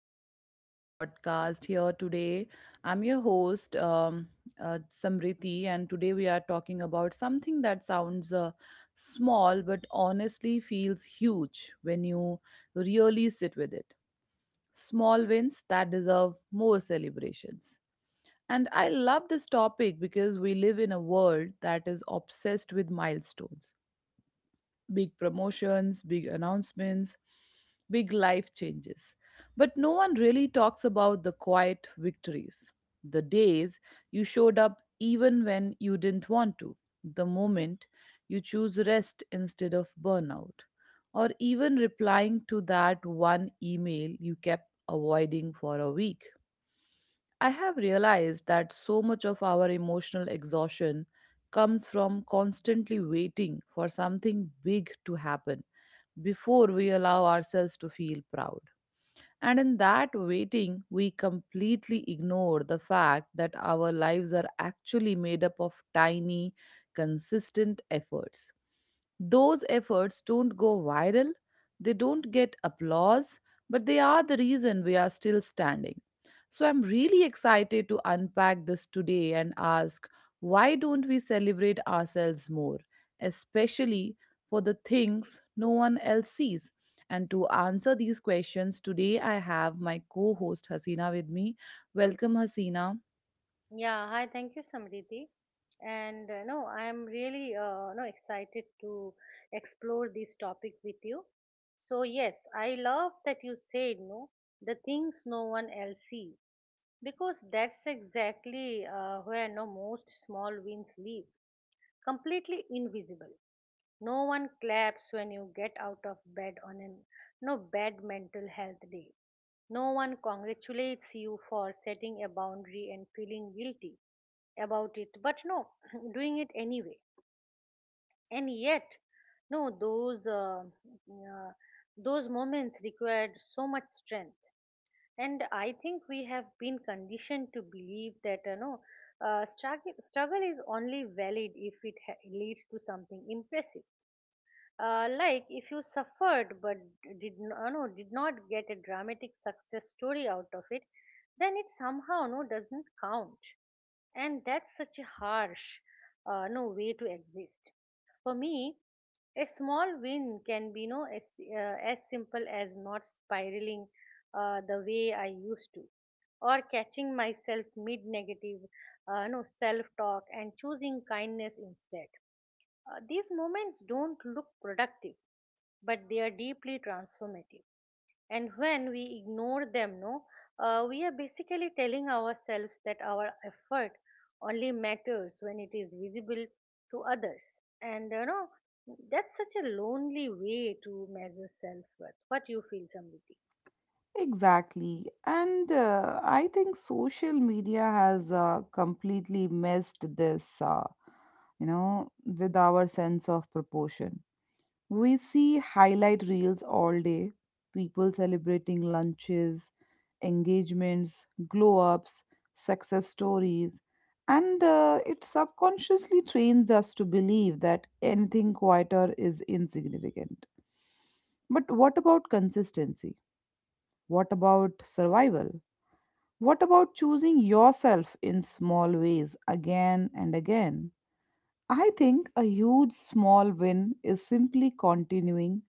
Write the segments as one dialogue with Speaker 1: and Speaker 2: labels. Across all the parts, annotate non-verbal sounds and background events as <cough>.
Speaker 1: back to another podcast. Here today, I'm your host, Samriti, and today we are talking about something that sounds small but honestly feels huge when you really sit with it. Small wins that deserve more celebrations. And I love this topic because we live in a world that is obsessed with milestones, big promotions, big announcements, big life changes. But no one really talks about the quiet victories, the days you showed up even when you didn't want to, the moment you choose rest instead of burnout, or even replying to that one email you kept avoiding for a week. I have realized that so much of our emotional exhaustion comes from constantly waiting for something big to happen before we allow ourselves to feel proud. And in that waiting, we completely ignore the fact that our lives are actually made up of tiny, consistent efforts. Those efforts don't go viral, they don't get applause, but they are the reason we are still standing. So I'm really excited to unpack this today and ask, why don't we celebrate ourselves more, especially for the things no one else sees? And to answer these questions, today I have my co host Hasina with me. Welcome, Hasina.
Speaker 2: Yeah, hi, thank you, Samriti. And I am really no excited to explore this topic with you. So yes, I love that you said the things no one else sees, because that's exactly where no most small wins live completely invisible. No one claps when you get out of bed on an no bad mental health day. No one congratulates you for setting a boundary and feeling guilty about it, but no, <laughs> <clears throat> doing it anyway. And yet, no, those moments required so much strength, and I think we have been conditioned to believe that struggle is only valid if it leads to something impressive. Uh, like if you suffered but did not get a dramatic success story out of it, then it somehow doesn't count. And that's such a harsh no way to exist. For me, a small win can be no as, as simple as not spiraling the way I used to, or catching myself mid negative no self talk and choosing kindness instead. Uh, these moments don't look productive, but they are deeply transformative. And when we ignore them, no, we are basically telling ourselves that our effort only matters when it is visible to others. And you know, that's such a lonely way to measure self worth. What you feel, Samriti?
Speaker 1: Exactly. And I think social media has completely messed this, you know, with our sense of proportion. We see highlight reels all day, people celebrating lunches, engagements, glow ups, success stories, and it subconsciously trains us to believe that anything quieter is insignificant. But what about consistency? What about survival? What about choosing yourself in small ways again and again? I think a huge small win is simply continuing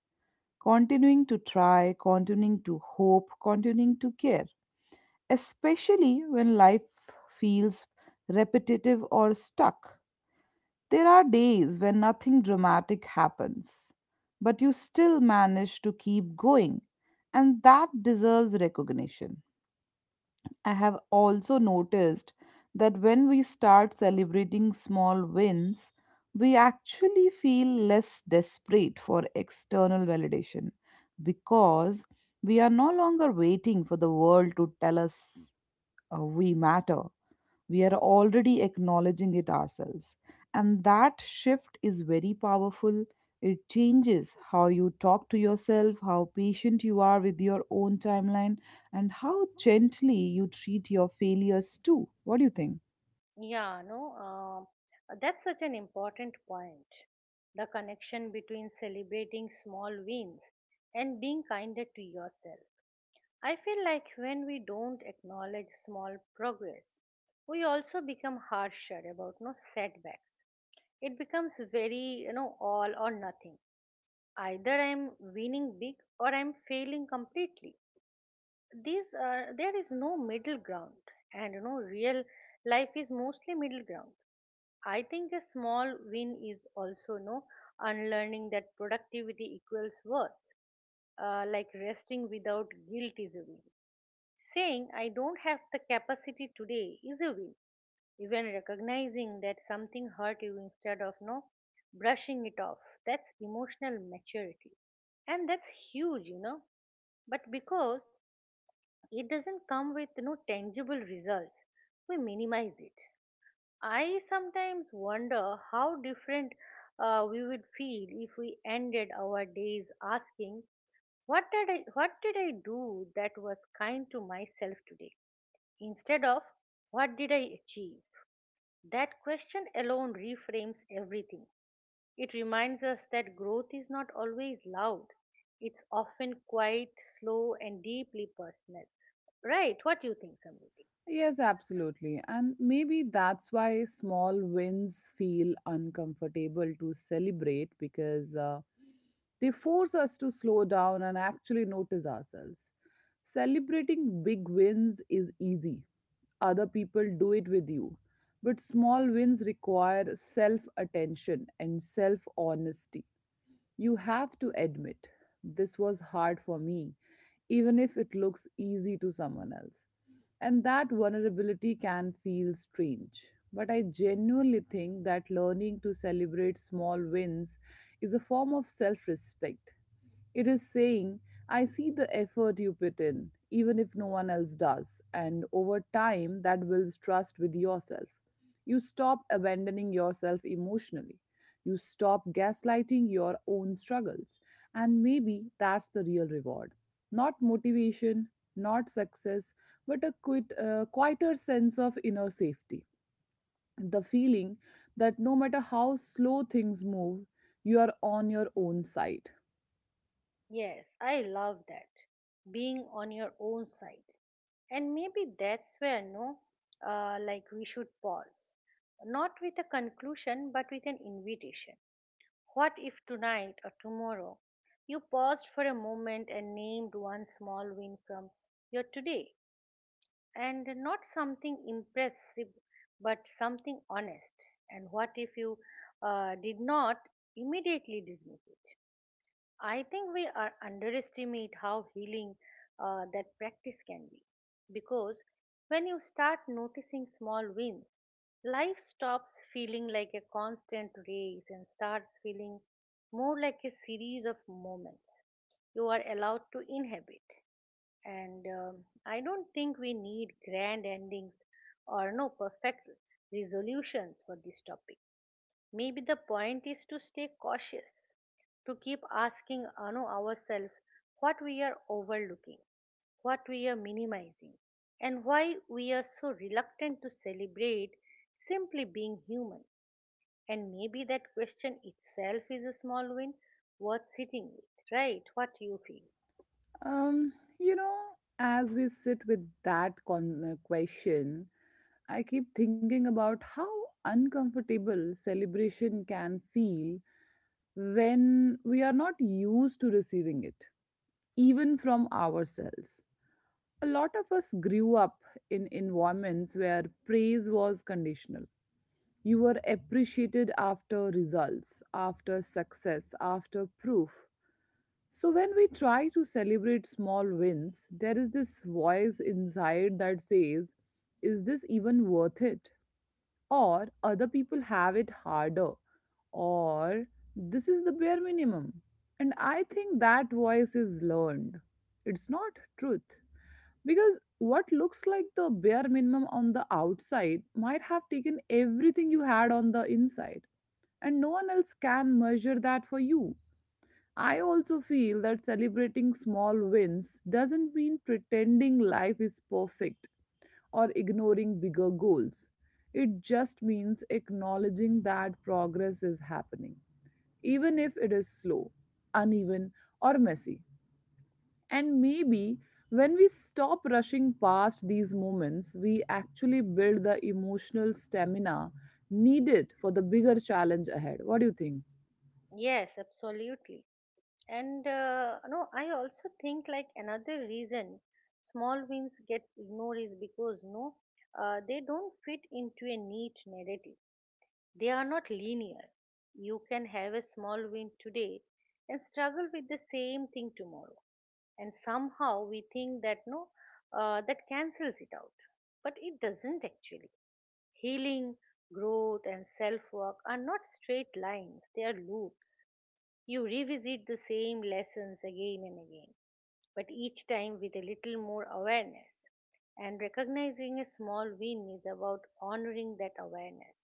Speaker 1: continuing to try, continuing to hope, continuing to care, especially when life feels repetitive or stuck. There are days when nothing dramatic happens, but you still manage to keep going, and that deserves recognition. I have also noticed that when we start celebrating small wins, we actually feel less desperate for external validation, because we are no longer waiting for the world to tell us we matter. We are already acknowledging it ourselves. And that shift is very powerful. It changes how you talk to yourself, how patient you are with your own timeline, and how gently you treat your failures too. What do you think?
Speaker 2: Yeah, no, that's such an important point. The connection between celebrating small wins and being kinder to yourself. I feel like when we don't acknowledge small progress, we also become harsher about no setbacks. It becomes very, all or nothing. Either I'm winning big or I'm failing completely. These are There is no middle ground, and real life is mostly middle ground. I think a small win is also no unlearning that productivity equals worth. Uh, like resting without guilt is a win. Saying I don't have the capacity today is a win. Even recognizing that something hurt you instead of no brushing it off, that's emotional maturity. And that's huge. But because it doesn't come with no tangible results, we minimize it. I sometimes wonder how different we would feel if we ended our days asking, what did I do that was kind to myself today, instead of, what did I achieve? That question alone reframes everything. It reminds us that growth is not always loud. It's often quite slow and deeply personal, right? What do you think, Samriti?
Speaker 1: Yes, absolutely. And maybe that's why small wins feel uncomfortable to celebrate, because they force us to slow down and actually notice ourselves. Celebrating big wins is easy, other people do it with you. But small wins require self attention and self honesty. You have to admit, this was hard for me, even if it looks easy to someone else. And that vulnerability can feel strange. But I genuinely think that learning to celebrate small wins is a form of self respect. It is saying, I see the effort you put in, even if no one else does, and over time that builds trust with yourself. You stop abandoning yourself emotionally. You stop gaslighting your own struggles. And maybe that's the real reward. Not motivation, not success, but a quieter sense of inner safety. The feeling that no matter how slow things move, you are on your own side.
Speaker 2: Yes, I love that. Being on your own side. And maybe that's where, no, like, we should pause. Not with a conclusion, but with an invitation. What if tonight or tomorrow you paused for a moment and named one small win from your today? And not something impressive, but something honest. And what if you did not immediately dismiss it? I think we are underestimate how healing that practice can be. Because when you start noticing small wins, life stops feeling like a constant race and starts feeling more like a series of moments you are allowed to inhabit. And I don't think we need grand endings or no perfect resolutions for this topic. Maybe the point is to stay cautious, to keep asking you ourselves what we are overlooking, what we are minimizing, and why we are so reluctant to celebrate simply being human. And maybe that question itself is a small win worth sitting with, right? What you feel?
Speaker 1: Um, you know, as we sit with that question, I keep thinking about how uncomfortable celebration can feel when we are not used to receiving it, even from ourselves. A lot of us grew up in environments where praise was conditional. You were appreciated after results, after success, after proof. So when we try to celebrate small wins, there is this voice inside that says, is this even worth it? Or other people have it harder, or this is the bare minimum. And I think that voice is learned. It's not truth, because what looks like the bare minimum on the outside might have taken everything you had on the inside, and no one else can measure that for you. I also feel that celebrating small wins doesn't mean pretending life is perfect or ignoring bigger goals. It just means acknowledging that progress is happening, even if it is slow, uneven, or messy. And maybe when we stop rushing past these moments, we actually build the emotional stamina needed for the bigger challenge ahead. What do you think?
Speaker 2: Yes, absolutely. And no, I also think, like, another reason small wins get ignored is because they don't fit into a neat narrative. They are not linear. You can have a small win today and struggle with the same thing tomorrow. And somehow we think that no, that cancels it out. But it doesn't actually. Healing, growth, and self work are not straight lines, they are loops. You revisit the same lessons again and again, but each time with a little more awareness. And recognizing a small win is about honoring that awareness.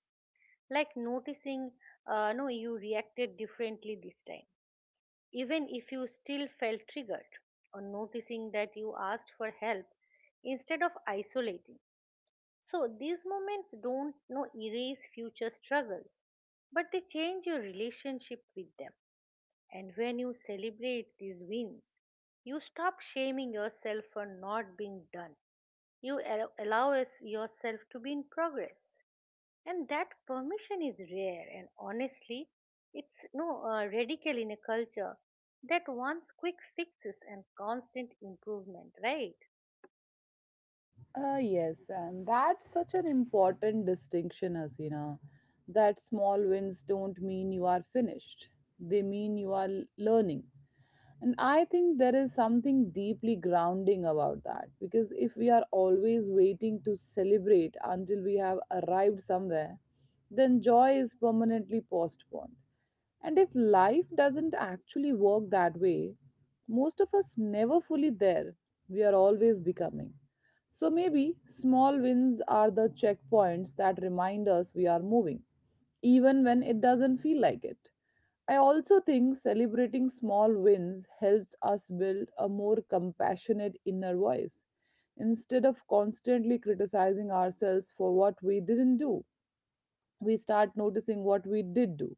Speaker 2: Like noticing, no, you reacted differently this time, even if you still felt triggered, or noticing that you asked for help instead of isolating. So these moments don't no, erase future struggles, but they change your relationship with them. And when you celebrate these wins, you stop shaming yourself for not being done. You allow yourself to be in progress. And that permission is rare, and honestly, it's no radical in a culture that wants quick fixes and constant improvement, right?
Speaker 1: Yes, and that's such an important distinction, Hasina. That small wins don't mean you are finished, they mean you are learning. And I think there is something deeply grounding about that, because if we are always waiting to celebrate until we have arrived somewhere, then joy is permanently postponed. And if life doesn't actually work that way, most of us never fully there. We are always becoming. So maybe small wins are the checkpoints that remind us we are moving, even when it doesn't feel like it. I also think celebrating small wins helps us build a more compassionate inner voice. Instead of constantly criticizing ourselves for what we didn't do, we start noticing what we did do.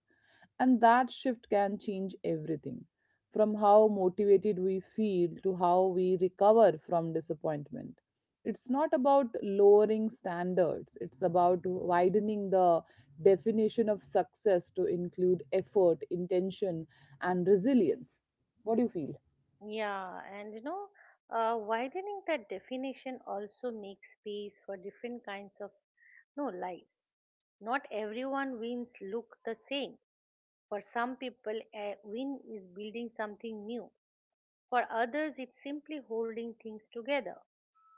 Speaker 1: And that shift can change everything, from how motivated we feel to how we recover from disappointment. It's not about lowering standards, it's about widening the definition of success to include effort, intention, and resilience. What do you feel?
Speaker 2: Yeah, and widening that definition also makes space for different kinds of no lives. Not everyone wins look the same. For some people, a win is building something new. For others, it's simply holding things together.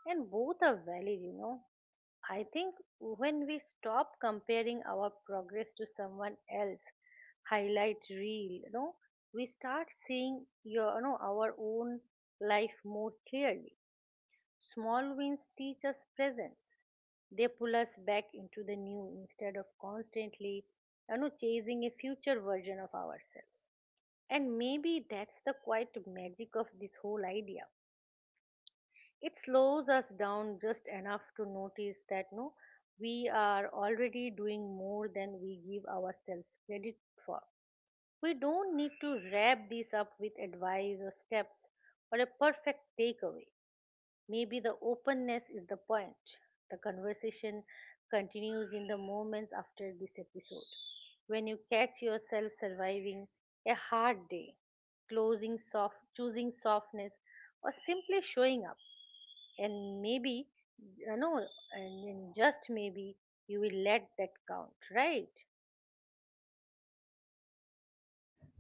Speaker 2: And both are valid. I think when we stop comparing our progress to someone else, highlight reel, you know, we start seeing our own life more clearly. Small wins teach us presence. They pull us back into the new instead of constantly, chasing a future version of ourselves. And maybe that's the quite magic of this whole idea. It slows us down just enough to notice that no, we are already doing more than we give ourselves credit for. We don't need to wrap this up with advice or steps or a perfect takeaway. Maybe the openness is the point. The conversation continues in the moments after this episode. When you catch yourself surviving a hard day, closing soft, choosing softness, or simply showing up, and maybe, you know, and then just maybe you will let that count, right?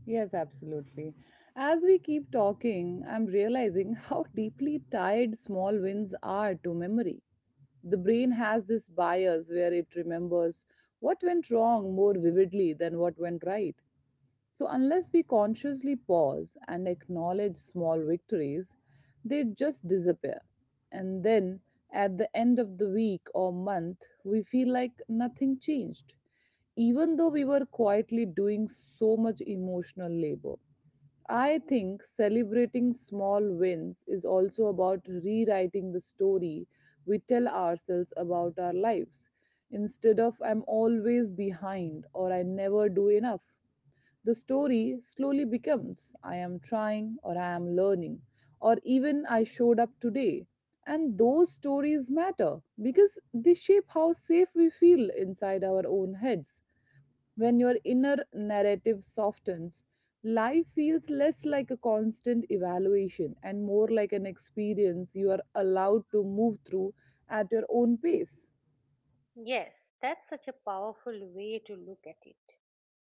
Speaker 1: Yes, absolutely. As we keep talking, I'm realizing <laughs> how deeply tied small wins are to memory. The brain has this bias where it remembers what went wrong more vividly than what went right. So, unless we consciously pause and acknowledge small victories, they just disappear. And then at the end of the week or month, we feel like nothing changed, even though we were quietly doing so much emotional labor. I think celebrating small wins is also about rewriting the story we tell ourselves about our lives. Instead of I'm always behind or I never do enough, the story slowly becomes I am trying or I am learning or even I showed up today. And those stories matter because they shape how safe we feel inside our own heads. When your inner narrative softens, life feels less like a constant evaluation and more like an experience you are allowed to move through at your own pace.
Speaker 2: Yes, that's such a powerful way to look at it.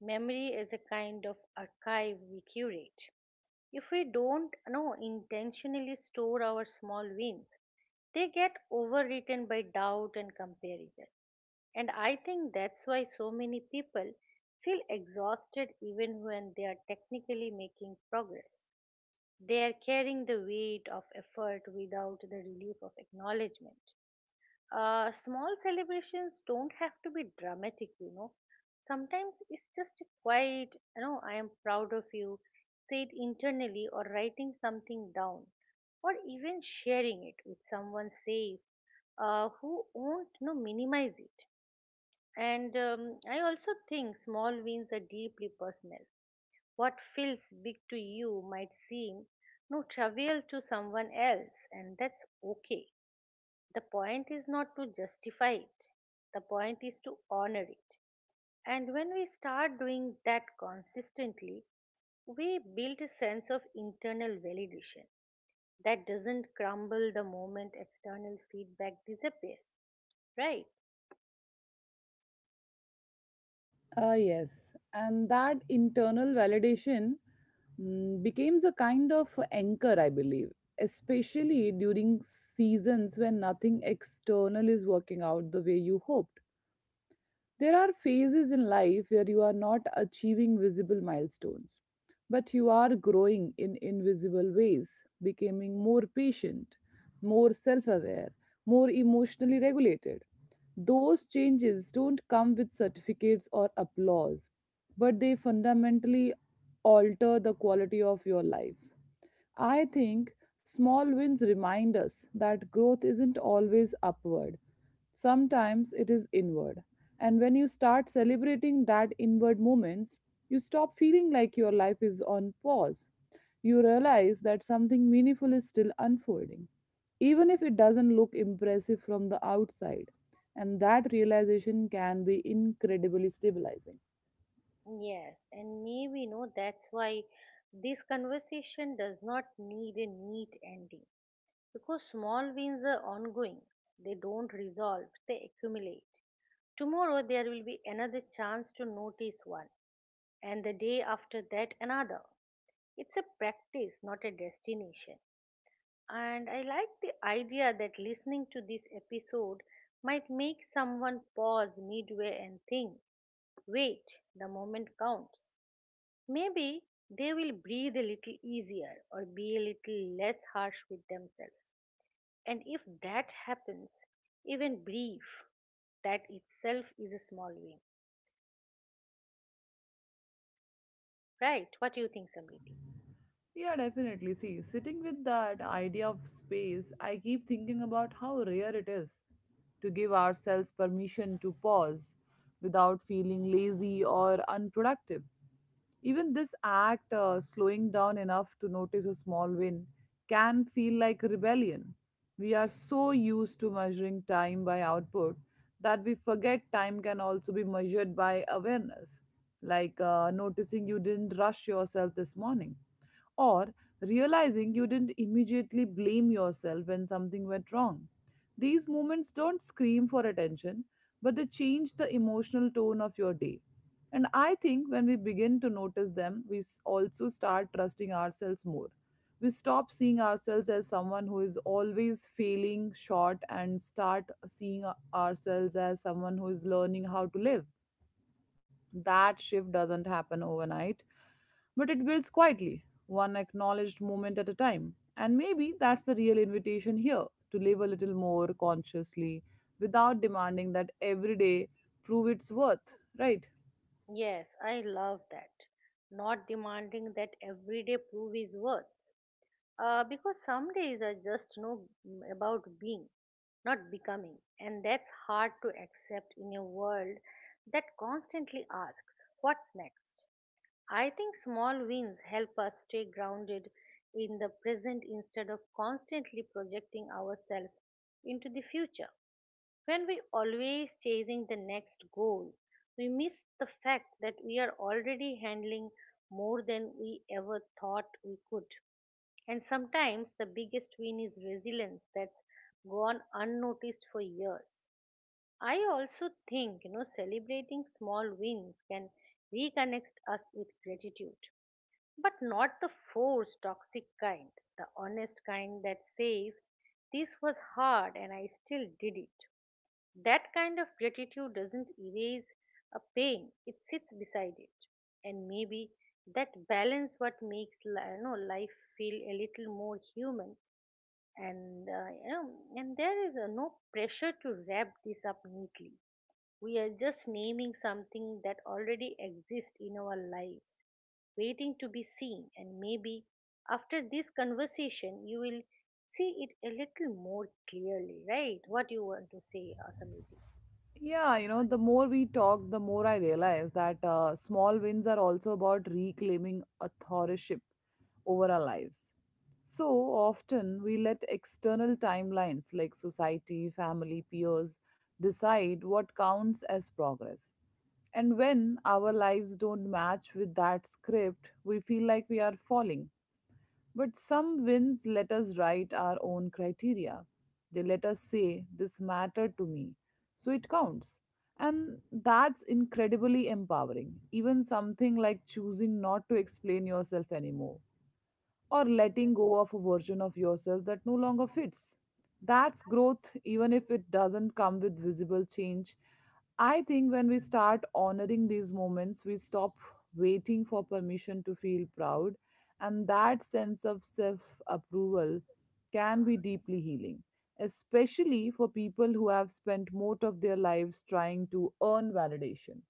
Speaker 2: Memory is a kind of archive we curate. If we don't know intentionally store our small wins, they get overwritten by doubt and comparison. And I think that's why so many people feel exhausted even when they are technically making progress. They are carrying the weight of effort without the relief of acknowledgement. Small celebrations don't have to be dramatic. Sometimes it's just a quiet, I am proud of you. Say it internally, or writing something down, or even sharing it with someone safe, who won't, minimize it. And I also think small wins are deeply personal. What feels big to you might seem no trivial to someone else, and that's okay. The point is not to justify it, the point is to honor it. And when we start doing that consistently, we build a sense of internal validation that doesn't crumble the moment external feedback disappears, right?
Speaker 1: Ah, yes. And that internal validation becomes a kind of anchor, I believe, especially during seasons when nothing external is working out the way you hoped. There are phases in life where you are not achieving visible milestones, but you are growing in invisible ways, becoming more patient, more self aware, more emotionally regulated. Those changes don't come with certificates or applause, but they fundamentally alter the quality of your life. I think small wins remind us that growth isn't always upward. Sometimes it is inward. And when you start celebrating that inward moments, you stop feeling like your life is on pause. You realize that something meaningful is still unfolding, even if it doesn't look impressive from the outside. And that realization can be incredibly stabilizing.
Speaker 2: Yes, and maybe that's why this conversation does not need a neat ending, because small wins are ongoing, they don't resolve, they accumulate. Tomorrow there will be another chance to notice one, and the day after that another. It's a practice, not a destination. And I like the idea that listening to this episode might make someone pause midway and think, wait, the moment counts. Maybe they will breathe a little easier or be a little less harsh with themselves. And if that happens, even brief, that itself is a small win. Right? What do you think, Samriti?
Speaker 1: Yeah, definitely. See, sitting with that idea of space, I keep thinking about how rare it is to give ourselves permission to pause without feeling lazy or unproductive. Even this act, slowing down enough to notice a small win, can feel like rebellion. We are so used to measuring time by output that we forget time can also be measured by awareness, like noticing you didn't rush yourself this morning, or realizing you didn't immediately blame yourself when something went wrong. These moments don't scream for attention, but they change the emotional tone of your day. And I think when we begin to notice them, we also start trusting ourselves more. We stop seeing ourselves as someone who is always failing short and start seeing ourselves as someone who is learning how to live. That shift doesn't happen overnight, but it builds quietly, one acknowledged moment at a time. And maybe that's the real invitation here, to live a little more consciously without demanding that every day prove its worth, right?
Speaker 2: Yes, I love that. Not demanding that every day prove his worth. Because some days are just about being, not becoming. And that's hard to accept in a world that constantly asks, what's next? I think small wins help us stay grounded in the present instead of constantly projecting ourselves into the future. When we always chasing the next goal, we miss the fact that we are already handling more than we ever thought we could. And sometimes the biggest win is resilience that's gone unnoticed for years. I also think, celebrating small wins can reconnect us with gratitude, but not the forced toxic kind, the honest kind that says, this was hard and I still did it. That kind of gratitude doesn't erase a pain, it sits beside it. And maybe that balance what makes life feel a little more human, and uh, you know, and there is no pressure to wrap this up neatly. We are just naming something that already exists in our lives, waiting to be seen, and maybe after this conversation you will see it a little more clearly, right? What you want to say, Asamiti?
Speaker 1: Yeah, you know, the more we talk, the more I realize that small wins are also about reclaiming authorship over our lives. So often we let external timelines, like society, family, peers, decide what counts as progress. And when our lives don't match with that script, we feel like we are falling. But some wins let us write our own criteria. They let us say, this mattered to me, so it counts. And that's incredibly empowering. Even something like choosing not to explain yourself anymore or letting go of a version of yourself that no longer fits. That's growth, even if it doesn't come with visible change. I think when we start honoring these moments, we stop waiting for permission to feel proud, and that sense of self approval can be deeply healing, especially for people who have spent most of their lives trying to earn validation.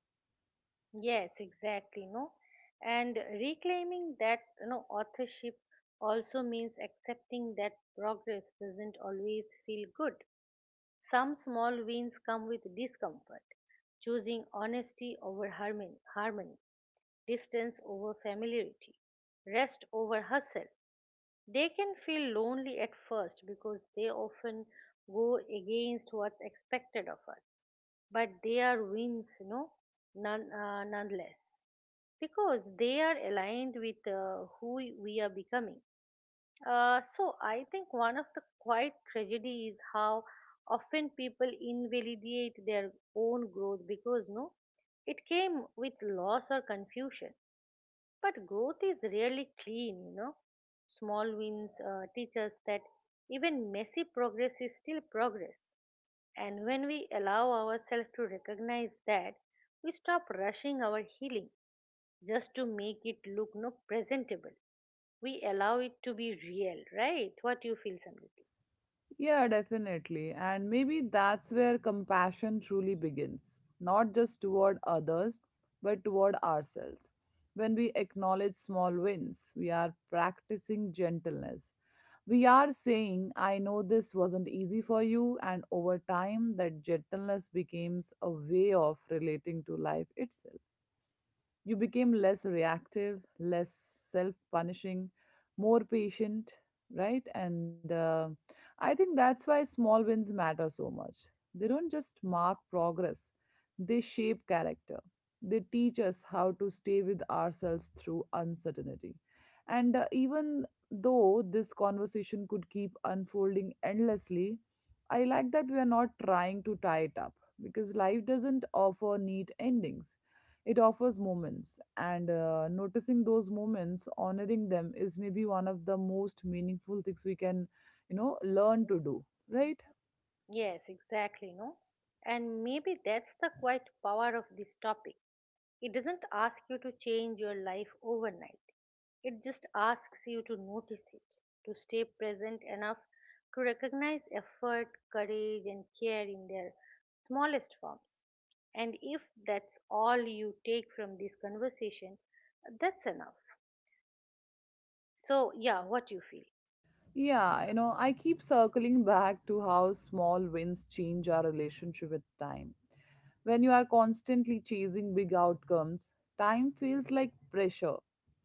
Speaker 2: Yes, exactly, no. And reclaiming that, authorship also means accepting that progress doesn't always feel good. Some small wins come with discomfort. Choosing honesty over harmony, distance over familiarity, rest over hustle. They can feel lonely at first because they often go against what's expected of us, but they are wins, you know, none, nonetheless, because they are aligned with who we are becoming. So I think one of the quiet tragedy is how often people invalidate their own growth because no, it came with loss or confusion. But growth is rarely clean, you know. Small wins teach us that even messy progress is still progress. And when we allow ourselves to recognize that, we stop rushing our healing just to make it look no presentable. We allow it to be real, right? What you feel, Samriti?
Speaker 1: Yeah, definitely. And maybe that's where compassion truly begins, not just toward others, but toward ourselves. When we acknowledge small wins, we are practicing gentleness. We are saying, I know this wasn't easy for you, and over time, that gentleness becomes a way of relating to life itself. You became less reactive, less self punishing, more patient, right? And I think that's why small wins matter so much. They don't just mark progress, they shape character. They teach us how to stay with ourselves through uncertainty. And Even though this conversation could keep unfolding endlessly, I like that we are not trying to tie it up because life doesn't offer neat endings. It offers moments, and noticing those moments, honoring them, is maybe one of the most meaningful things we can learn to do, right?
Speaker 2: Yes, exactly, no? And maybe that's the quite power of this topic. It doesn't ask you to change your life overnight. It just asks you to notice it, to stay present enough to recognize effort, courage, and care in their smallest forms. And if that's all you take from this conversation, that's enough. So, yeah, what you feel.
Speaker 1: Yeah, you know, I keep circling back to how small wins change our relationship with time. When you are constantly chasing big outcomes, time feels like pressure,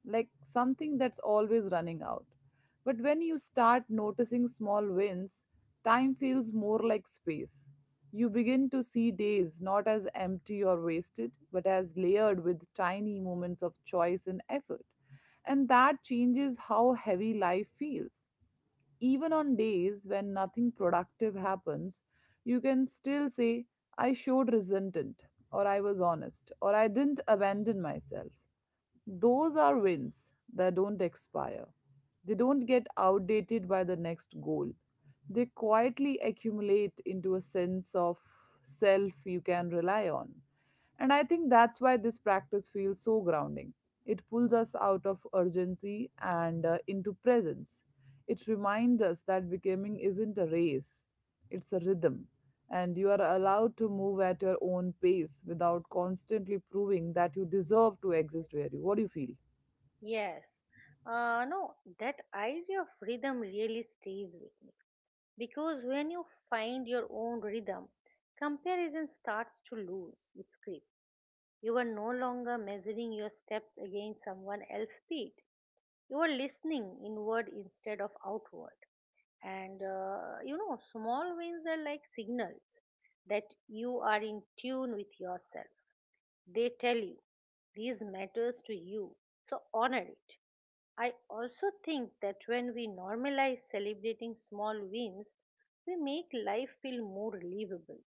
Speaker 1: like something that's always running out. But when you start noticing small wins, time feels more like space. You begin to see days not as empty or wasted, but as layered with tiny moments of choice and effort. And that changes how heavy life feels even on days when nothing productive happens, you can still say, I showed resentment, or I was honest, or I didn't abandon myself. Those are wins that don't expire. They don't get outdated by the next goal. They quietly accumulate into a sense of self you can rely on. And I think that's why this practice feels so grounding. It pulls us out of urgency and into presence. It reminds us that becoming isn't a race, it's a rhythm, and you are allowed to move at your own pace without constantly proving that you deserve to exist where you. What do you feel?
Speaker 2: Yes. No, that idea of rhythm really stays with me. Because when you find your own rhythm, comparison starts to lose its grip. You are no longer measuring your steps against someone else's speed. You are listening inward instead of outward. And you know, small wins are like signals that you are in tune with yourself. They tell you these matters to you, so honor it. I also think that when we normalize celebrating small wins, we make life feel more livable.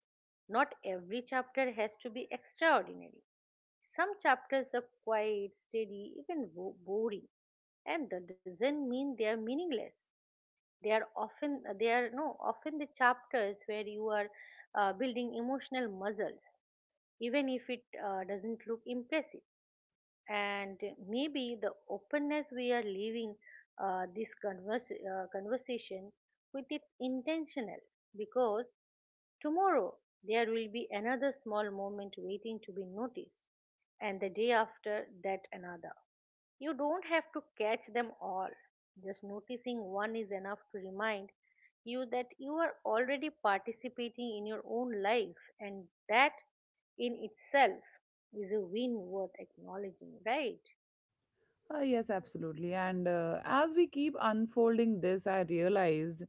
Speaker 2: Not every chapter has to be extraordinary. Some chapters are quiet, steady, even boring, and that doesn't mean they are meaningless. They are often, they are no often the chapters where you are building emotional muscles, even if it doesn't look impressive. And maybe the openness we are leaving this conversation with, it's intentional, because tomorrow there will be another small moment waiting to be noticed, and the day after that another. You don't have to catch them all. Just noticing one is enough to remind you that you are already participating in your own life, and that in itself is a win worth acknowledging, right?
Speaker 1: Yes, absolutely. And as we keep unfolding this, I realized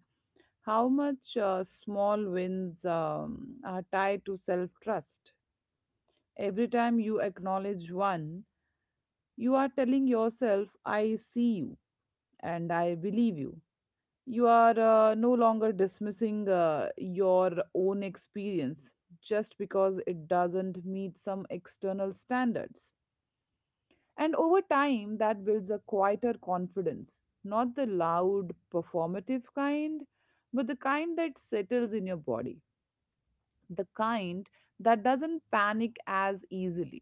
Speaker 1: how much small wins are tied to self trust. Every time you acknowledge one, you are telling yourself, I see you and I believe you. You are no longer dismissing your own experience just because it doesn't meet some external standards. And over time, that builds a quieter confidence, not the loud, performative kind, but the kind that settles in your body, the kind that doesn't panic as easily.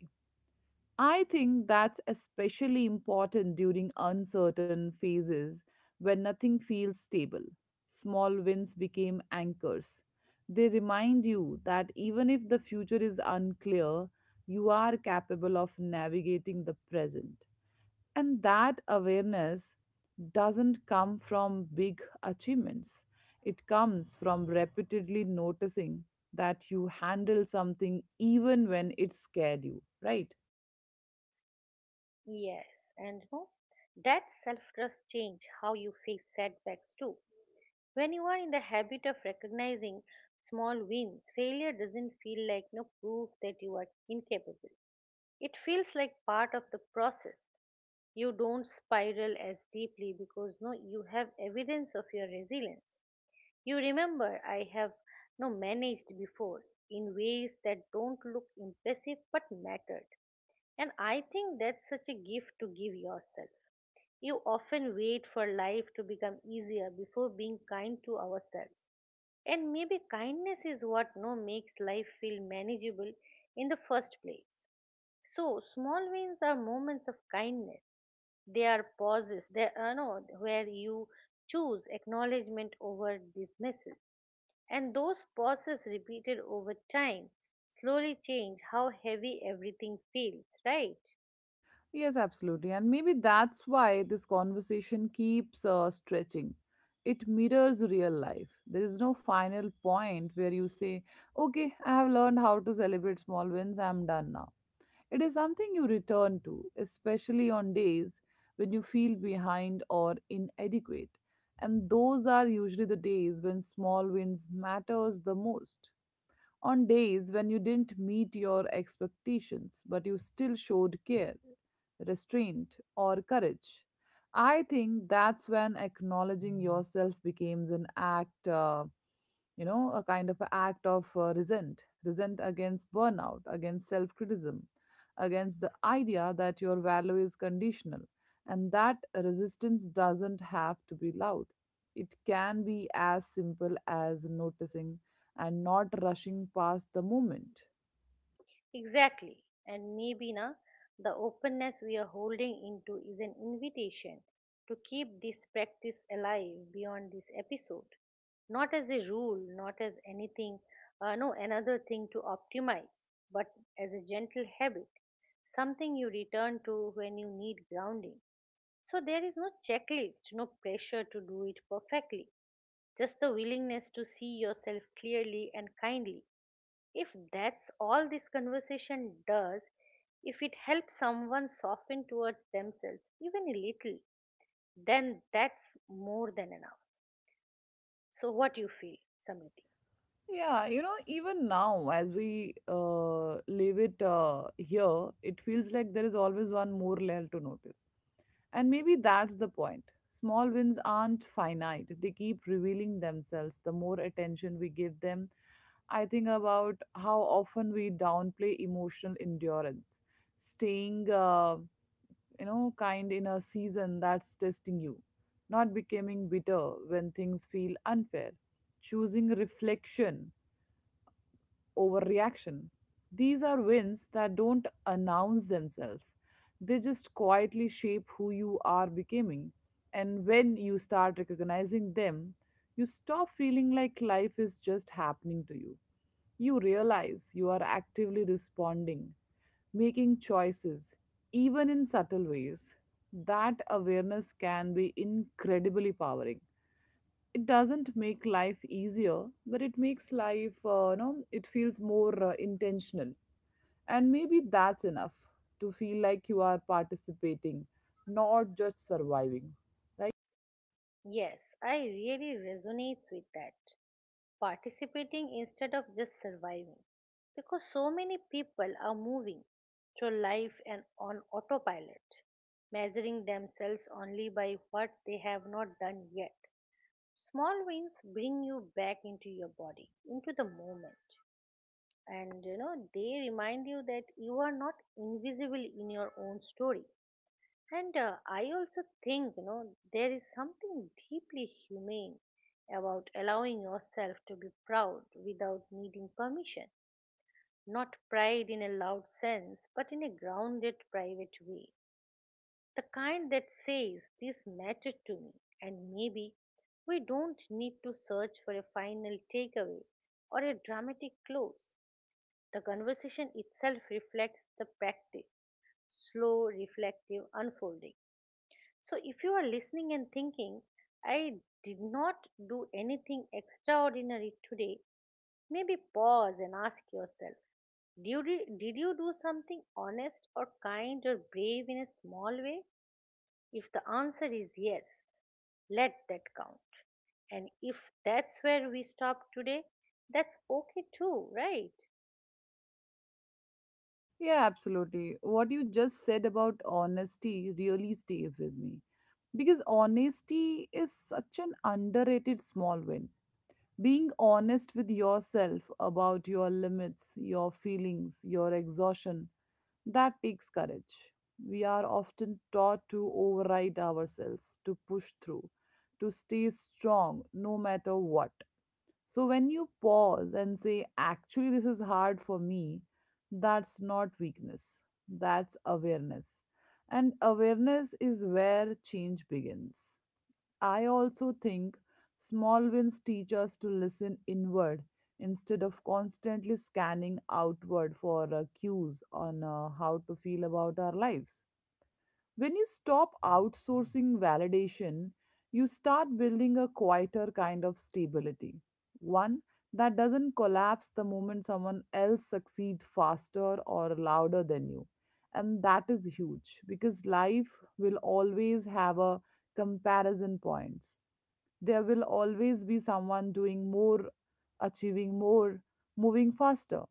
Speaker 1: I think that's especially important during uncertain phases when nothing feels stable. Small wins became anchors. They remind you that even if the future is unclear, you are capable of navigating the present. And that awareness doesn't come from big achievements, it comes from repeatedly noticing that you handle something even when it scared you, right?
Speaker 2: Yes, and no, that self trust change how you face setbacks too. When you are in the habit of recognizing small wins, failure doesn't feel like no proof that you are incapable. It feels like part of the process. You don't spiral as deeply because no you have evidence of your resilience. You remember I have no managed before in ways that don't look impressive but mattered. And I think that's such a gift to give yourself. You often wait for life to become easier before being kind to ourselves. And maybe kindness is what no makes life feel manageable in the first place. So small wins are moments of kindness. They are pauses. They are no where you choose acknowledgement over dismissal. And those pauses repeated over time slowly change how heavy everything feels, right?
Speaker 1: Yes, absolutely. And maybe that's why this conversation keeps stretching. It mirrors real life. There is no final point where you say, okay, I have learned how to celebrate small wins, I'm done now. It is something you return to, especially on days when you feel behind or inadequate. And those are usually the days when small wins matters the most on days when you didn't meet your expectations, but you still showed care, restraint, or courage. I think that's when acknowledging yourself becomes an act, a kind of a act of resent against burnout, against self criticism, against the idea that your value is conditional, and that resistance doesn't have to be loud. It can be as simple as noticing and not rushing past the moment.
Speaker 2: Exactly. And maybe na the openness we are holding into is an invitation to keep this practice alive beyond this episode. Not as a rule, not as anything, no, another thing to optimize, but as a gentle habit, something you return to when you need grounding. So there is no checklist, no pressure to do it perfectly, just the willingness to see yourself clearly and kindly. If that's all this conversation does, if it helps someone soften towards themselves even a little, then that's more than enough. So, what you feel, Samiti?
Speaker 1: Yeah, you know, even now as we leave it here, it feels like there is always one more layer to notice. And maybe that's the point. Small wins aren't finite, they keep revealing themselves the more attention we give them. I think about how often we downplay emotional endurance, staying kind in a season that's testing you, not becoming bitter when things feel unfair, choosing reflection over reaction. These are wins that don't announce themselves. They just quietly shape who you are becoming. And when you start recognizing them, you stop feeling like life is just happening to you. You realize you are actively responding making choices, even in subtle ways. That awareness can be incredibly powering. It doesn't make life easier, but it makes life, it feels more intentional. And maybe that's enough to feel like you are participating, not just surviving.
Speaker 2: Yes, I really resonates with that. Participating instead of just surviving, because so many people are moving through life and on autopilot, measuring themselves only by what they have not done yet. Small wins bring you back into your body, into the moment, and you know, they remind you that you are not invisible in your own story. And I also think, you know, there is something deeply humane about allowing yourself to be proud without needing permission. Not pride in a loud sense, but in a grounded, private way. The kind that says, this mattered to me, and maybe we don't need to search for a final takeaway or a dramatic close. The conversation itself reflects the practice, slow, reflective unfolding. So, if you are listening and thinking, I did not do anything extraordinary today, maybe pause and ask yourself, did you do something honest or kind or brave in a small way? If the answer is yes, let that count. And if that's where we stop today, that's okay too, right?
Speaker 1: Yeah, absolutely. What you just said about honesty really stays with me because honesty is such an underrated small win. Being honest with yourself about your limits, your feelings, your exhaustion, that takes courage. We are often taught to override ourselves, to push through, to stay strong no matter what. So when you pause and say, actually, this is hard for me, that's not weakness, that's awareness. And awareness is where change begins. I also think small wins teach us to listen inward instead of constantly scanning outward for cues on how to feel about our lives. When you stop outsourcing validation, you start building a quieter kind of stability. One that doesn't collapse the moment someone else succeeds faster or louder than you. And that is huge because life will always have a comparison points there will always be someone doing more, achieving more, moving faster.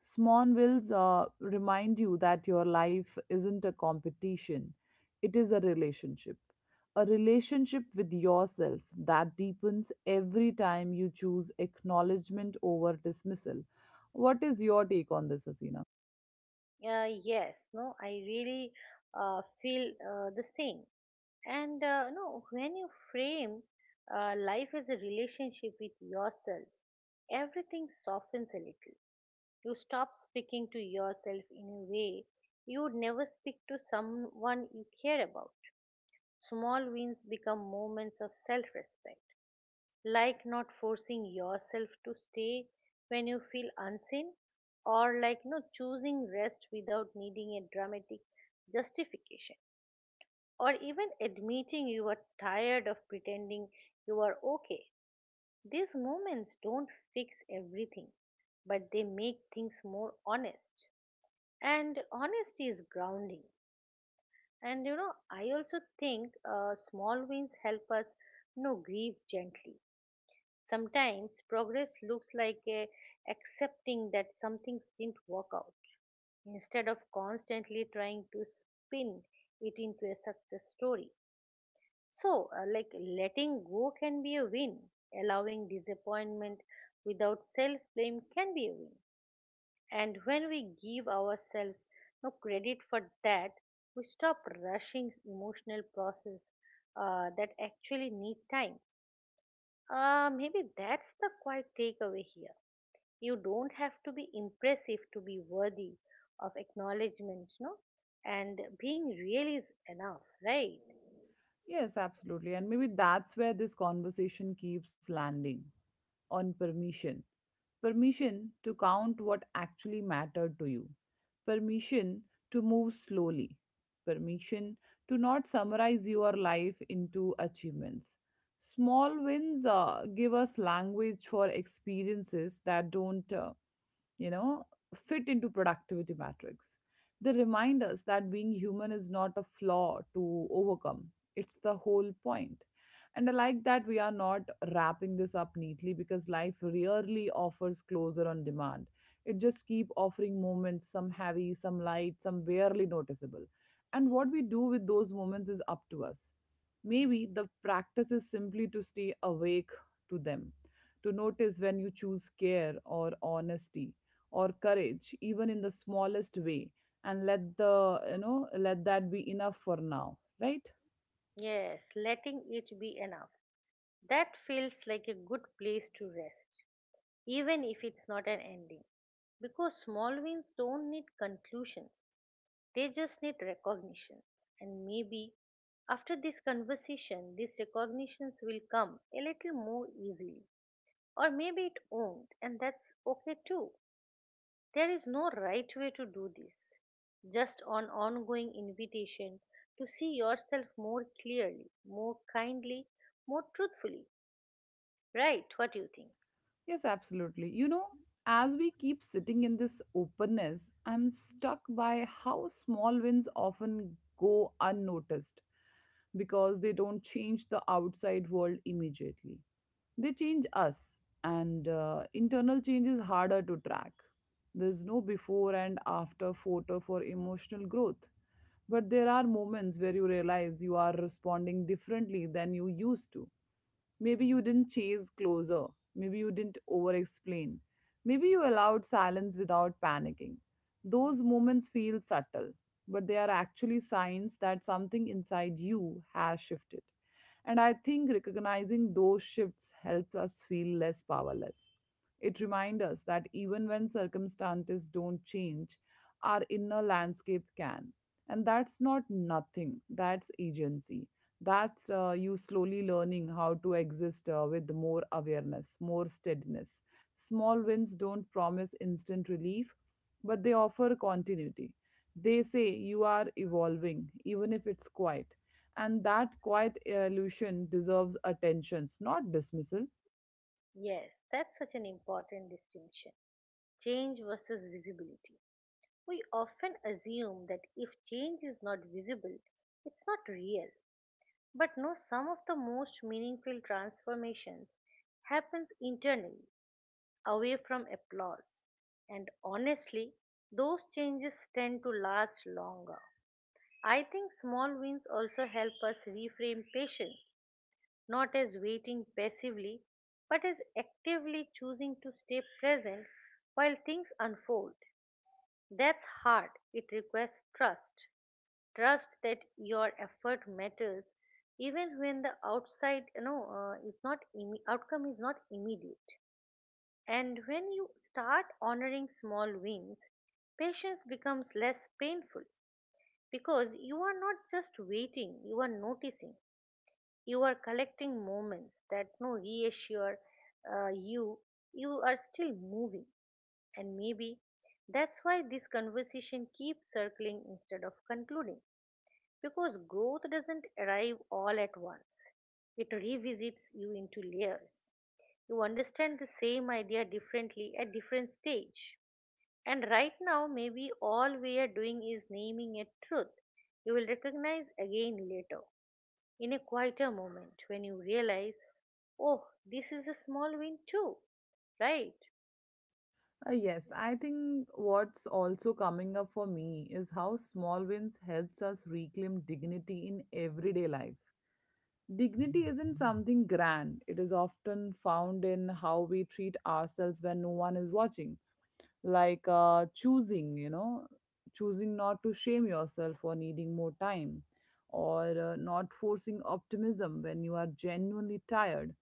Speaker 1: Small wills remind you that your life isn't a competition, it is a relationship. A relationship with yourself that deepens every time you choose acknowledgement over dismissal. What is your take on this, Asina?
Speaker 2: Yes, no, I really feel the same. And no, when you frame life as a relationship with yourselves, everything softens a little. You stop speaking to yourself in a way you would never speak to someone you care about. Small wins become moments of self respect, like not forcing yourself to stay when you feel unseen, or like no choosing rest without needing a dramatic justification, or even admitting you are tired of pretending you are okay. These moments don't fix everything, but they make things more honest, and honesty is grounding. And you know, I also think small wins help us, you know, grieve gently. Sometimes progress looks like a accepting that something didn't work out instead of constantly trying to spin it into a success story. So, like letting go can be a win, allowing disappointment without self blame can be a win. And when we give ourselves no credit for that, we stop rushing emotional process that actually need time. Maybe that's the quiet takeaway here. You don't have to be impressive to be worthy of acknowledgement no, and being real is enough, right?
Speaker 1: Yes, absolutely. And maybe that's where this conversation keeps landing on permission. Permission to count what actually mattered to you, permission to move slowly, permission to not summarize your life into achievements. Small wins give us language for experiences that don't you know, fit into productivity matrix. They remind us that being human is not a flaw to overcome. It's the whole point. And I like that we are not wrapping this up neatly because life rarely offers closure on demand. It just keep offering moments, some heavy, some light, some barely noticeable. And what we do with those moments is up to us. Maybe the practice is simply to stay awake to them, to notice when you choose care or honesty or courage even in the smallest way and let the you know let that be enough for now, right?
Speaker 2: Yes, letting it be enough, that feels like a good place to rest, even if it's not an ending, because small wins don't need conclusions, they just need recognition. And maybe after this conversation these recognitions will come a little more easily, or maybe it won't, and that's okay too. There is no right way to do this, just an ongoing invitation to see yourself more clearly, more kindly, more truthfully. Right, what do you think?
Speaker 1: Yes, absolutely. You know, as we keep sitting in this openness, I'm stuck by how small wins often go unnoticed because they don't change the outside world immediately. They change us, and internal change is harder to track. There's no before and after photo for emotional growth. But there are moments where you realize you are responding differently than you used to. Maybe you didn't chase closer. Maybe you didn't over explain. Maybe you allowed silence without panicking. Those moments feel subtle, but they are actually signs that something inside you has shifted. And I think recognizing those shifts helps us feel less powerless. It reminds us that even when circumstances don't change, our inner landscape can. And that's not nothing, that's agency. That's you slowly learning how to exist with more awareness, more steadiness. Small wins don't promise instant relief, but they offer continuity. They say you are evolving even if it's quiet, and that quiet evolution deserves attention, not dismissal.
Speaker 2: Yes, that's such an important distinction. Change versus visibility. We often assume that if change is not visible, it's not real. But no, some of the most meaningful transformations happens internally, away from applause. And honestly, those changes tend to last longer. I think small wins also help us reframe patience, not as waiting passively, but as actively choosing to stay present while things unfold. That's hard. It requires trust. Trust that your effort matters even when the outside you know is not imme- outcome is not immediate. And when you start honoring small wins, patience becomes less painful because you are not just waiting, you are noticing. You are collecting moments that no reassure you, you are still moving. And maybe that's why this conversation keeps circling instead of concluding, because growth doesn't arrive all at once, it revisits you into layers. You understand the same idea differently at different stage. And right now, maybe all we are doing is naming a truth you will recognize again later, in a quieter moment when you realize, oh, this is a small win too, right?
Speaker 1: Yes I think what's also coming up for me is how small wins helps us reclaim dignity in everyday life. Dignity isn't something grand. It is often found in how we treat ourselves when no one is watching. Like choosing not to shame yourself for needing more time, or not forcing optimism when you are genuinely tired.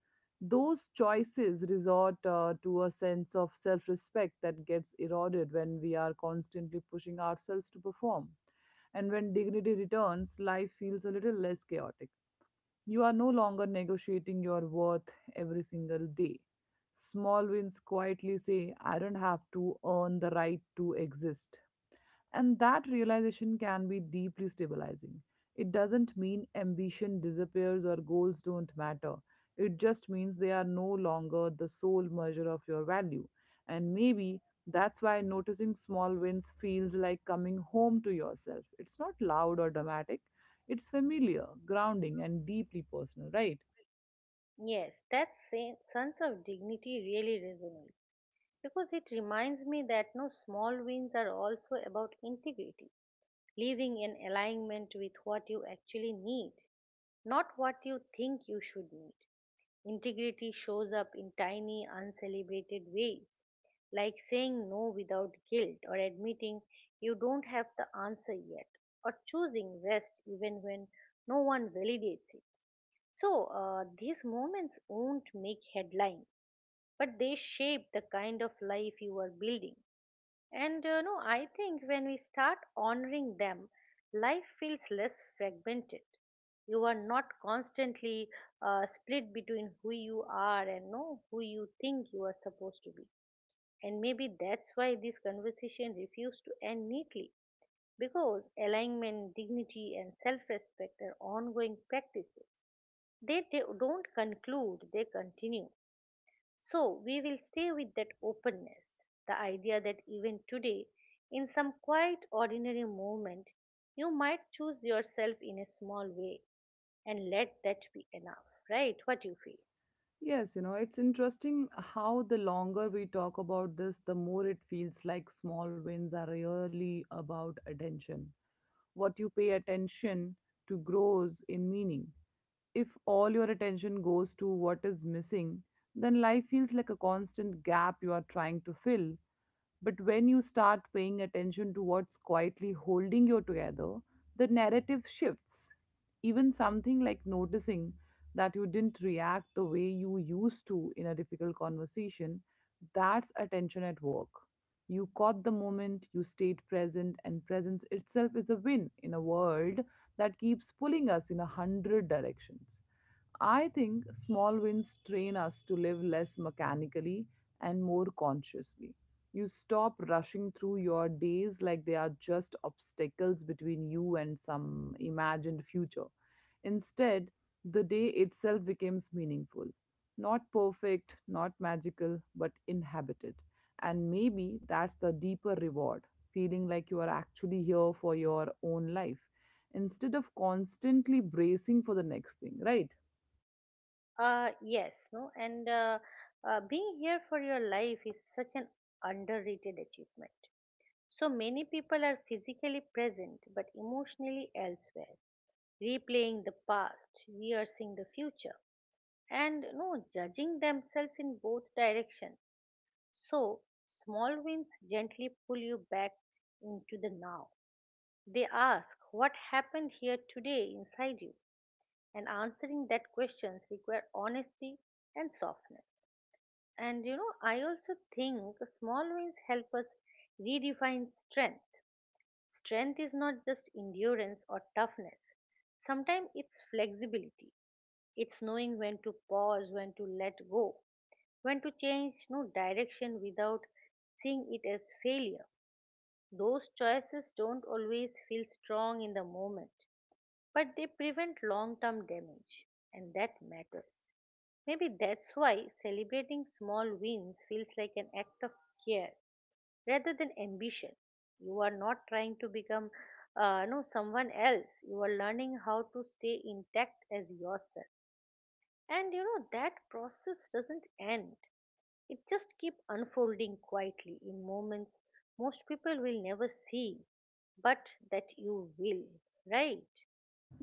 Speaker 1: Those choices resort to a sense of self respect that gets eroded when we are constantly pushing ourselves to perform. And when dignity returns, life feels a little less chaotic. You are no longer negotiating your worth every single day. Small wins quietly say, I don't have to earn the right to exist. And that realization can be deeply stabilizing. It doesn't mean ambition disappears or goals don't matter. It just means they are no longer the sole measure of your value. And maybe that's why noticing small wins feels like coming home to yourself. It's not loud or dramatic, it's familiar, grounding, and deeply personal, right?
Speaker 2: Yes, that sense of dignity really resonates, because it reminds me that no small wins are also about integrity, living in alignment with what you actually need, not what you think you should need. Integrity shows up in tiny, uncelebrated ways, like saying no without guilt, or admitting you don't have the answer yet, or choosing rest even when no one validates it. So, these moments won't make headlines, but they shape the kind of life you are building. And you know, I think when we start honoring them, life feels less fragmented. You are not constantly split between who you are and no who you think you are supposed to be. And maybe that's why this conversation refused to end neatly, because alignment, dignity, and self-respect are ongoing practices. They don't conclude; they continue. So we will stay with that openness, the idea that even today, in some quiet, ordinary moment, you might choose yourself in a small way and let that be enough, right? What you feel?
Speaker 1: Yes, you know, it's interesting how the longer we talk about this, the more it feels like small wins are really about attention. What you pay attention to grows in meaning. If all your attention goes to what is missing, then life feels like a constant gap you are trying to fill but when you start paying attention to what's quietly holding you together, the narrative shifts. Even something like noticing that you didn't react the way you used to in a difficult conversation, that's attention at work. You caught the moment, you stayed present, and presence itself is a win in a world that keeps pulling us in a hundred directions. I think small wins train us to live less mechanically and more consciously. You stop rushing through your days like they are just obstacles between you and some imagined future. Instead, the day itself becomes meaningful. Not perfect, not magical, but inhabited. And maybe that's the deeper reward, feeling like you are actually here for your own life instead of constantly bracing for the next thing, right?
Speaker 2: Yes, no, and being here for your life is such an underrated achievement. So many people are physically present but emotionally elsewhere, replaying the past, rehearsing the future, and you know, judging themselves in both directions. So, small wins gently pull you back into the now. They ask what happened here today inside you, and answering that questions require honesty and softness. And you know, I also think small wins help us redefine strength. Strength is not just endurance or toughness. Sometimes it's flexibility. It's knowing when to pause, when to let go, when to change no direction without seeing it as failure. Those choices don't always feel strong in the moment, but they prevent long term damage, and that matters. Maybe that's why celebrating small wins feels like an act of care rather than ambition. You are not trying to become no someone else. You are learning how to stay intact as yourself. And you know that process doesn't end. It just keeps unfolding quietly in moments most people will never see, but that you will, right?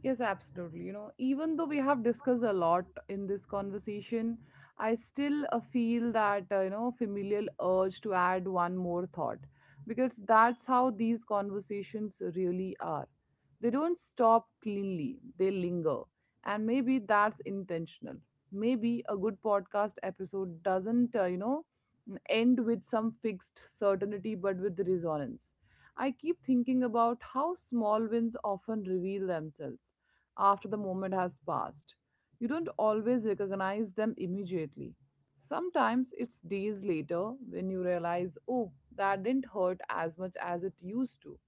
Speaker 1: Yes, absolutely. You know, even though we have discussed a lot in this conversation, I still feel that, familial urge to add one more thought because that's how these conversations really are. They don't stop cleanly, they linger. And maybe that's intentional. Maybe a good podcast episode doesn't, end with some fixed certainty but with resonance. I keep thinking about how small wins often reveal themselves after the moment has passed. You don't always recognize them immediately. Sometimes it's days later when you realize, oh, that didn't hurt as much as it used to,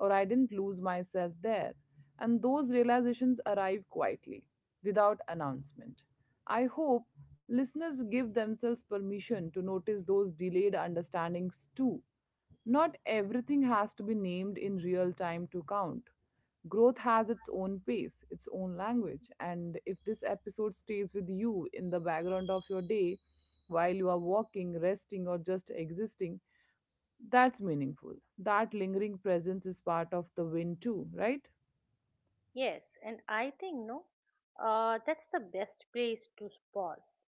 Speaker 1: or I didn't lose myself there. And those realizations arrive quietly, without announcement. I hope listeners give themselves permission to notice those delayed understandings too. Not everything has to be named in real time to count. Growth has its own pace, its own language, and if this episode stays with you in the background of your day while you are walking, resting, or just existing, that's meaningful. That lingering presence is part of the win, too, right?
Speaker 2: Yes, and I think no, that's the best place to pause,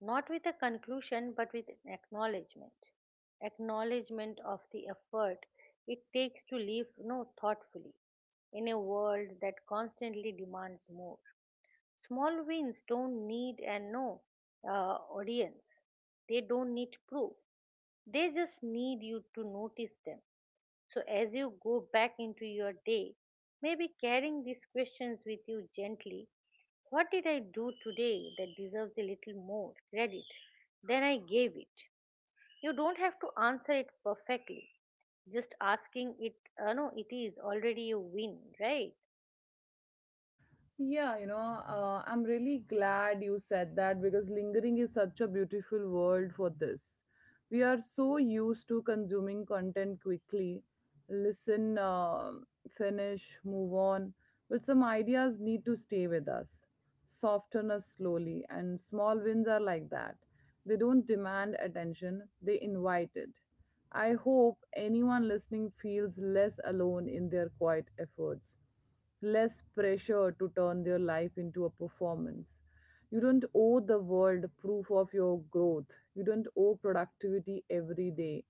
Speaker 2: not with a conclusion, but with an acknowledgement, acknowledgement of the effort it takes to live no thoughtfully in a world that constantly demands more. Small wins don't need and no audience. They don't need proof. They just need you to notice them. So as you go back into your day, maybe carrying these questions with you gently. What did I do today that deserves a little more credit than I gave it? You don't have to answer it perfectly. Just asking it, no, it is already a win, right?
Speaker 1: Yeah, I'm really glad you said that because lingering is such a beautiful word for this. We are so used to consuming content quickly, listen, finish, move on, but some ideas need to stay with us, soften us slowly, and small wins are like that. They don't demand attention, they invite it. I hope anyone listening feels less alone in their quiet efforts, less pressure to turn their life into a performance. You don't owe the world proof of your growth. You don't owe productivity every day.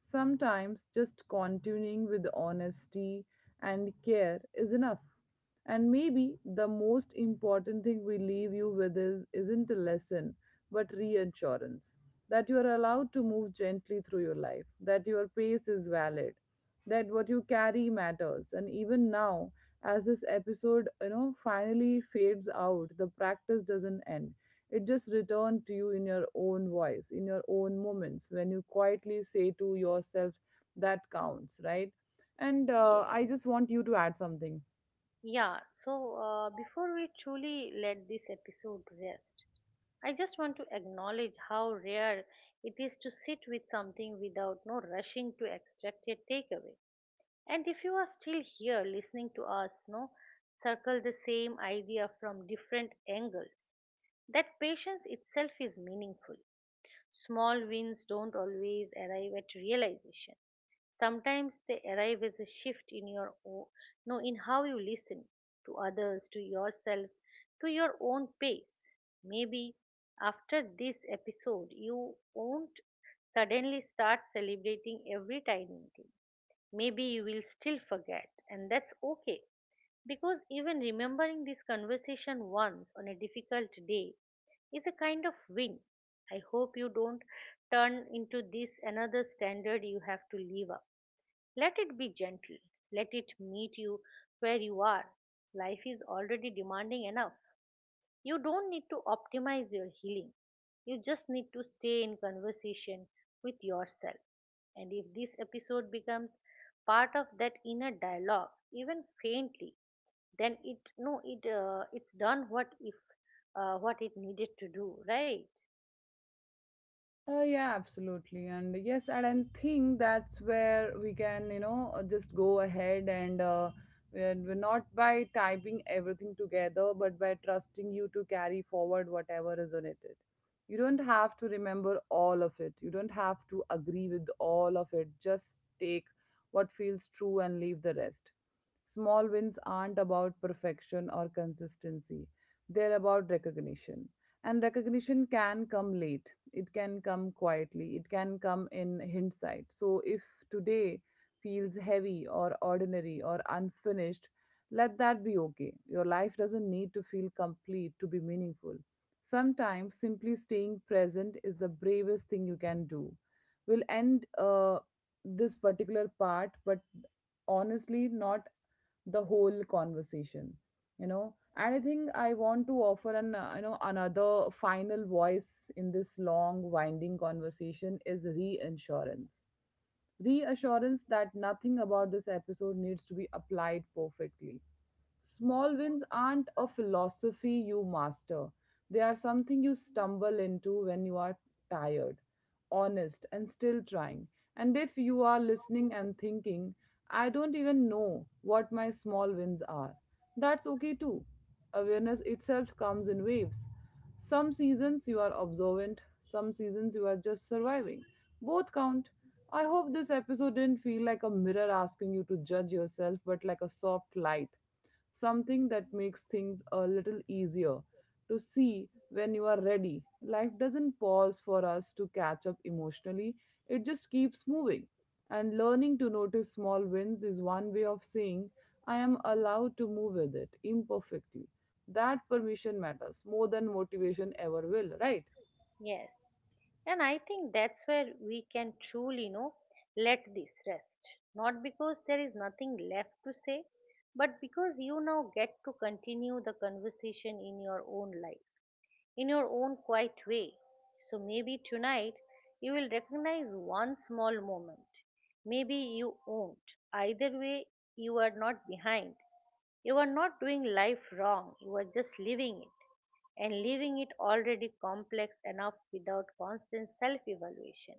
Speaker 1: Sometimes just continuing with honesty and care is enough. And maybe the most important thing we leave you with is isn't a lesson, but reassurance that you are allowed to move gently through your life, that your pace is valid, that what you carry matters, and even now, as this episode finally fades out, the practice doesn't end, it just returns to you in your own voice, in your own moments, when you quietly say to yourself, that counts, right? And
Speaker 2: Yes.
Speaker 1: I just want you to add something.
Speaker 2: Yeah, so before we truly let this episode rest, I just want to acknowledge how rare it is to sit with something without no rushing to extract a takeaway. And if you are still here listening to us, no, circle the same idea from different angles. That patience itself is meaningful. Small wins don't always arrive at realization. Sometimes they arrive as a shift in your own, no, in how you listen to others, to yourself, to your own pace. Maybe after this episode, you won't suddenly start celebrating every tiny thing. Maybe you will still forget, and that's okay. Because even remembering this conversation once on a difficult day is a kind of win. I hope you don't turn into this another standard you have to live up, let it be gentle. Let it meet you where you are. Life is already demanding enough. You don't need to optimize your healing. You just need to stay in conversation with yourself. And if this episode becomes part of that inner dialogue, even faintly, then it no, it it's done what if what it needed to do, right?
Speaker 1: Yeah, absolutely. And yes, and I think that's where we can, just go ahead, and we're not by typing everything together, but by trusting you to carry forward whatever resonated. You don't have to remember all of it, you don't have to agree with all of it. Just take what feels true and leave the rest. Small wins aren't about perfection or consistency, they're about recognition, and recognition can come late, it can come quietly, it can come in hindsight. So if today feels heavy or ordinary or unfinished, let that be okay. Your life doesn't need to feel complete to be meaningful. Sometimes simply staying present is the bravest thing you can do. We'll end this particular part, but honestly not the whole conversation, you know. And I think I want to offer an another final voice in this long winding conversation, is reinsurance, reassurance that nothing about this episode needs to be applied perfectly. Small wins aren't a philosophy you master, they are something you stumble into when you are tired, honest, and still trying. And if you are listening and thinking, I don't even know what my small wins are, that's okay too. Awareness itself comes in waves. Some seasons you are observant, some seasons you are just surviving. Both count. I hope this episode didn't feel like a mirror asking you to judge yourself, but like a soft light, something that makes things a little easier to see when you are ready. Life doesn't pause for us to catch up emotionally, it just keeps moving. And learning to notice small wins is one way of saying, I am allowed to move with it imperfectly. That permission matters more than motivation ever will, right?
Speaker 2: Yes. And I think that's where we can truly, you know, let this rest. Not because there is nothing left to say, but because you now get to continue the conversation in your own life in your own quiet way. So maybe tonight you will recognize one small moment. Maybe you won't. Either way, you are not behind. You are not doing life wrong, you are just living it. And living it already complex enough without constant self evaluation.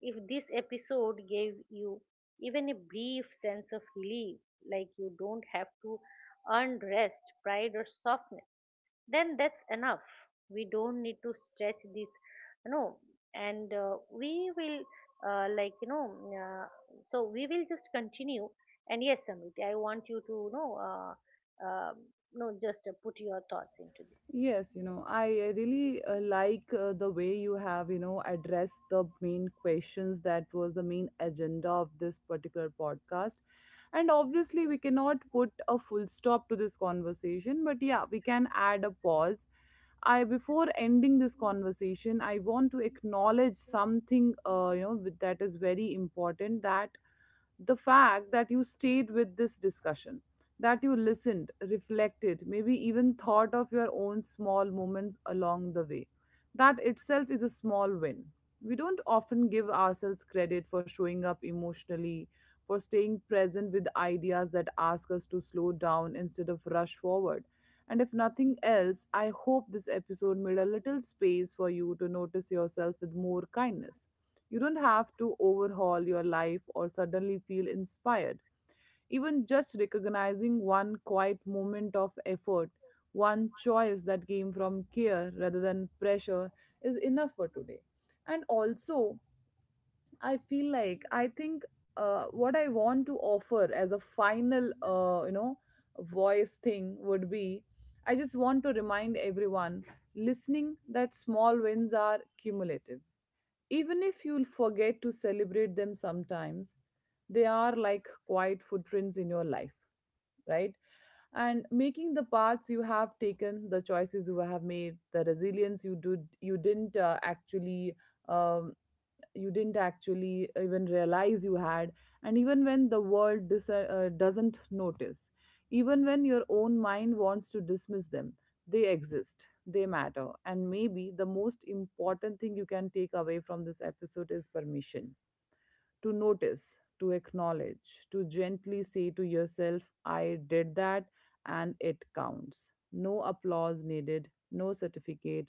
Speaker 2: If this episode gave you even a brief sense of relief, like you don't have to earn rest, pride, or softness, then that's enough. We don't need to stretch this, you know. And we will, uh, like you know uh, so we will just continue. And yes, Samriti, I want you to, you know uh, no just put your thoughts into this.
Speaker 1: Yes, you know, I really like the way you have, you know, addressed the main questions that was the main agenda of this particular podcast. And obviously, we cannot put a full stop to this conversation, but yeah, we can add a pause. I, before ending this conversation, I want to acknowledge something, that is very important. That the fact that you stayed with this discussion, that you listened, reflected, maybe even thought of your own small moments along the way. That itself is a small win. We don't often give ourselves credit for showing up emotionally, for staying present with ideas that ask us to slow down instead of rush forward. And if nothing else, I hope this episode made a little space for you to notice yourself with more kindness. You don't have to overhaul your life or suddenly feel inspired. Even just recognizing one quiet moment of effort, one choice that came from care rather than pressure, is enough for today. And also, I feel like I think what I want to offer as a final, voice thing would be, I just want to remind everyone listening that small wins are cumulative. Even if you'll forget to celebrate them sometimes, they are like quiet footprints in your life, right? And making the paths you have taken, the choices you have made, the resilience you didn't actually, um, you didn't actually even realize you had. And even when the world doesn't notice, even when your own mind wants to dismiss them, they exist, they matter, and maybe the most important thing you can take away from this episode is permission to notice, to acknowledge, to gently say to yourself, I did that, and it counts. No applause needed, no certificate,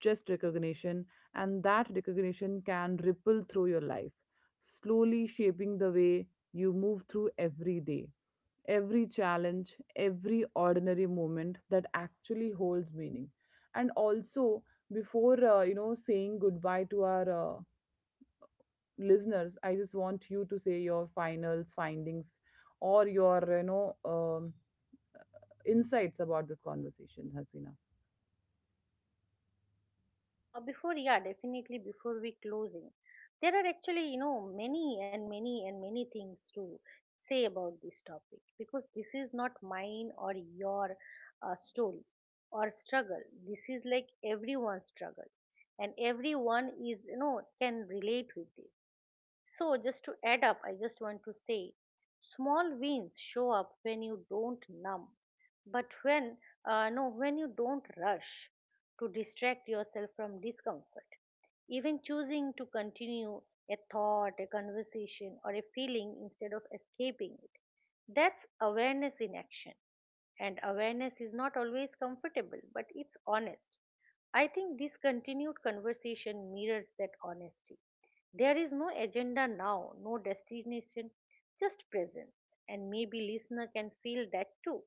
Speaker 1: just recognition. And that recognition can ripple through your life, slowly shaping the way you move through every day, every challenge, every ordinary moment that actually holds meaning. And also, before saying goodbye to our listeners, I just want you to say your finals findings or your, insights about this conversation, Hasina.
Speaker 2: Before, yeah, definitely before we closing, there are actually, you know, many and many and many things to say about this topic because this is not mine or your story or struggle. This is like everyone's struggle, and everyone is, you know, can relate with this. So, just to add up, I just want to say small wins show up when you don't numb, but when you don't rush to distract yourself from discomfort. Even choosing to continue a thought, a conversation, or a feeling instead of escaping it. That's awareness in action and awareness is not always comfortable, but it's honest. I think this continued conversation mirrors that honesty. There is no agenda now, no destination, just presence. And maybe listener can feel that too.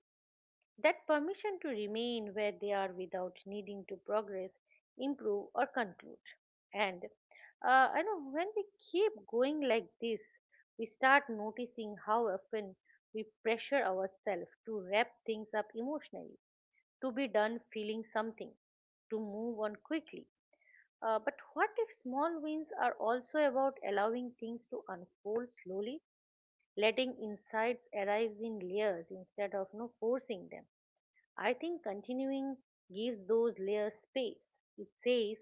Speaker 2: That permission to remain where they are without needing to progress, improve, or conclude. And I know when we keep going like this, we start noticing how often we pressure ourselves to wrap things up emotionally, to be done feeling something, to move on quickly. But what if small wins are also about allowing things to unfold slowly, letting insights arise in layers instead of no forcing them? I think continuing gives those layers space. It says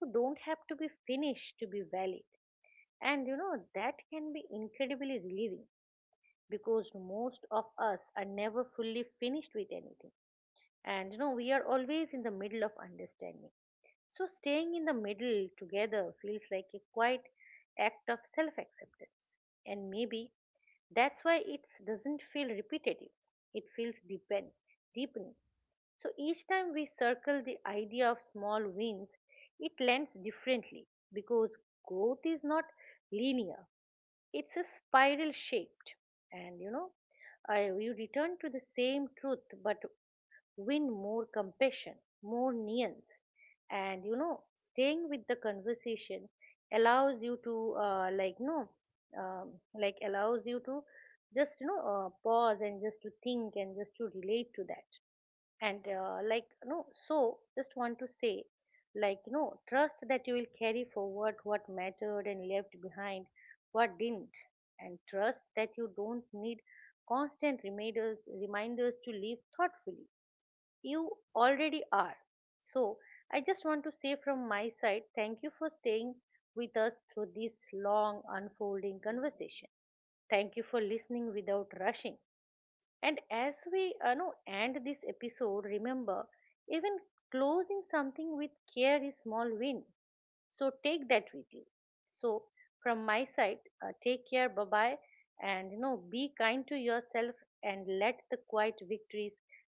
Speaker 2: you don't have to be finished to be valid. And you know, that can be incredibly relieving because most of us are never fully finished with anything. And you know, we are always in the middle of understanding. So staying in the middle together feels like a quite act of self acceptance. And maybe that's why it doesn't feel repetitive. It feels deepening. So each time we circle the idea of small wins, it lands differently because growth is not linear. It's a spiral shaped. And you know, you return to the same truth but win more compassion, more nuance. And you know, staying with the conversation allows you to, like, no, like allows you to just, you know, pause and just to think and just to relate to that and like no so just want to say, like, you know, trust that you will carry forward what mattered and left behind what didn't, and trust that you don't need constant reminders to live thoughtfully. You already are. So I just want to say from my side thank you for staying with us through this long unfolding conversation, thank you for listening without rushing. And as we, know, end this episode, remember, even closing something with care is small win. So take that with you. So from my side, take care, bye bye, and you know, be kind to yourself and let the quiet victories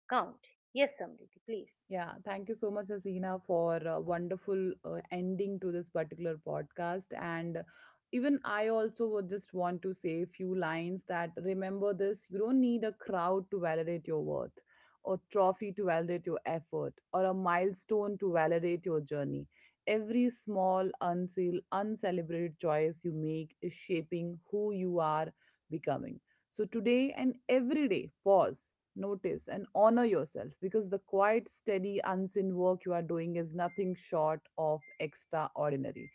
Speaker 2: count. Yes, Samriti, please.
Speaker 1: Yeah, thank you so much, Hasina, for a wonderful ending to this particular podcast. And even I also would just want to say a few lines, that remember this, you don't need a crowd to validate your worth, or trophy to validate your effort, or a milestone to validate your journey. Every small, unseal, uncelebrated choice you make is shaping who you are becoming. So today and every day, pause, notice and honor yourself, because the quiet, steady, unseen work you are doing is nothing short of extraordinary.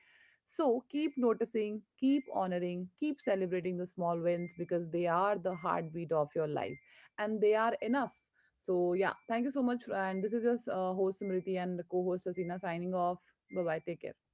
Speaker 1: So keep noticing, keep honoring, keep celebrating the small wins, because they are the heartbeat of your life and they are enough. So, yeah, thank you so much. And this is your host Smriti and co host Asina signing off. Bye bye. Take care.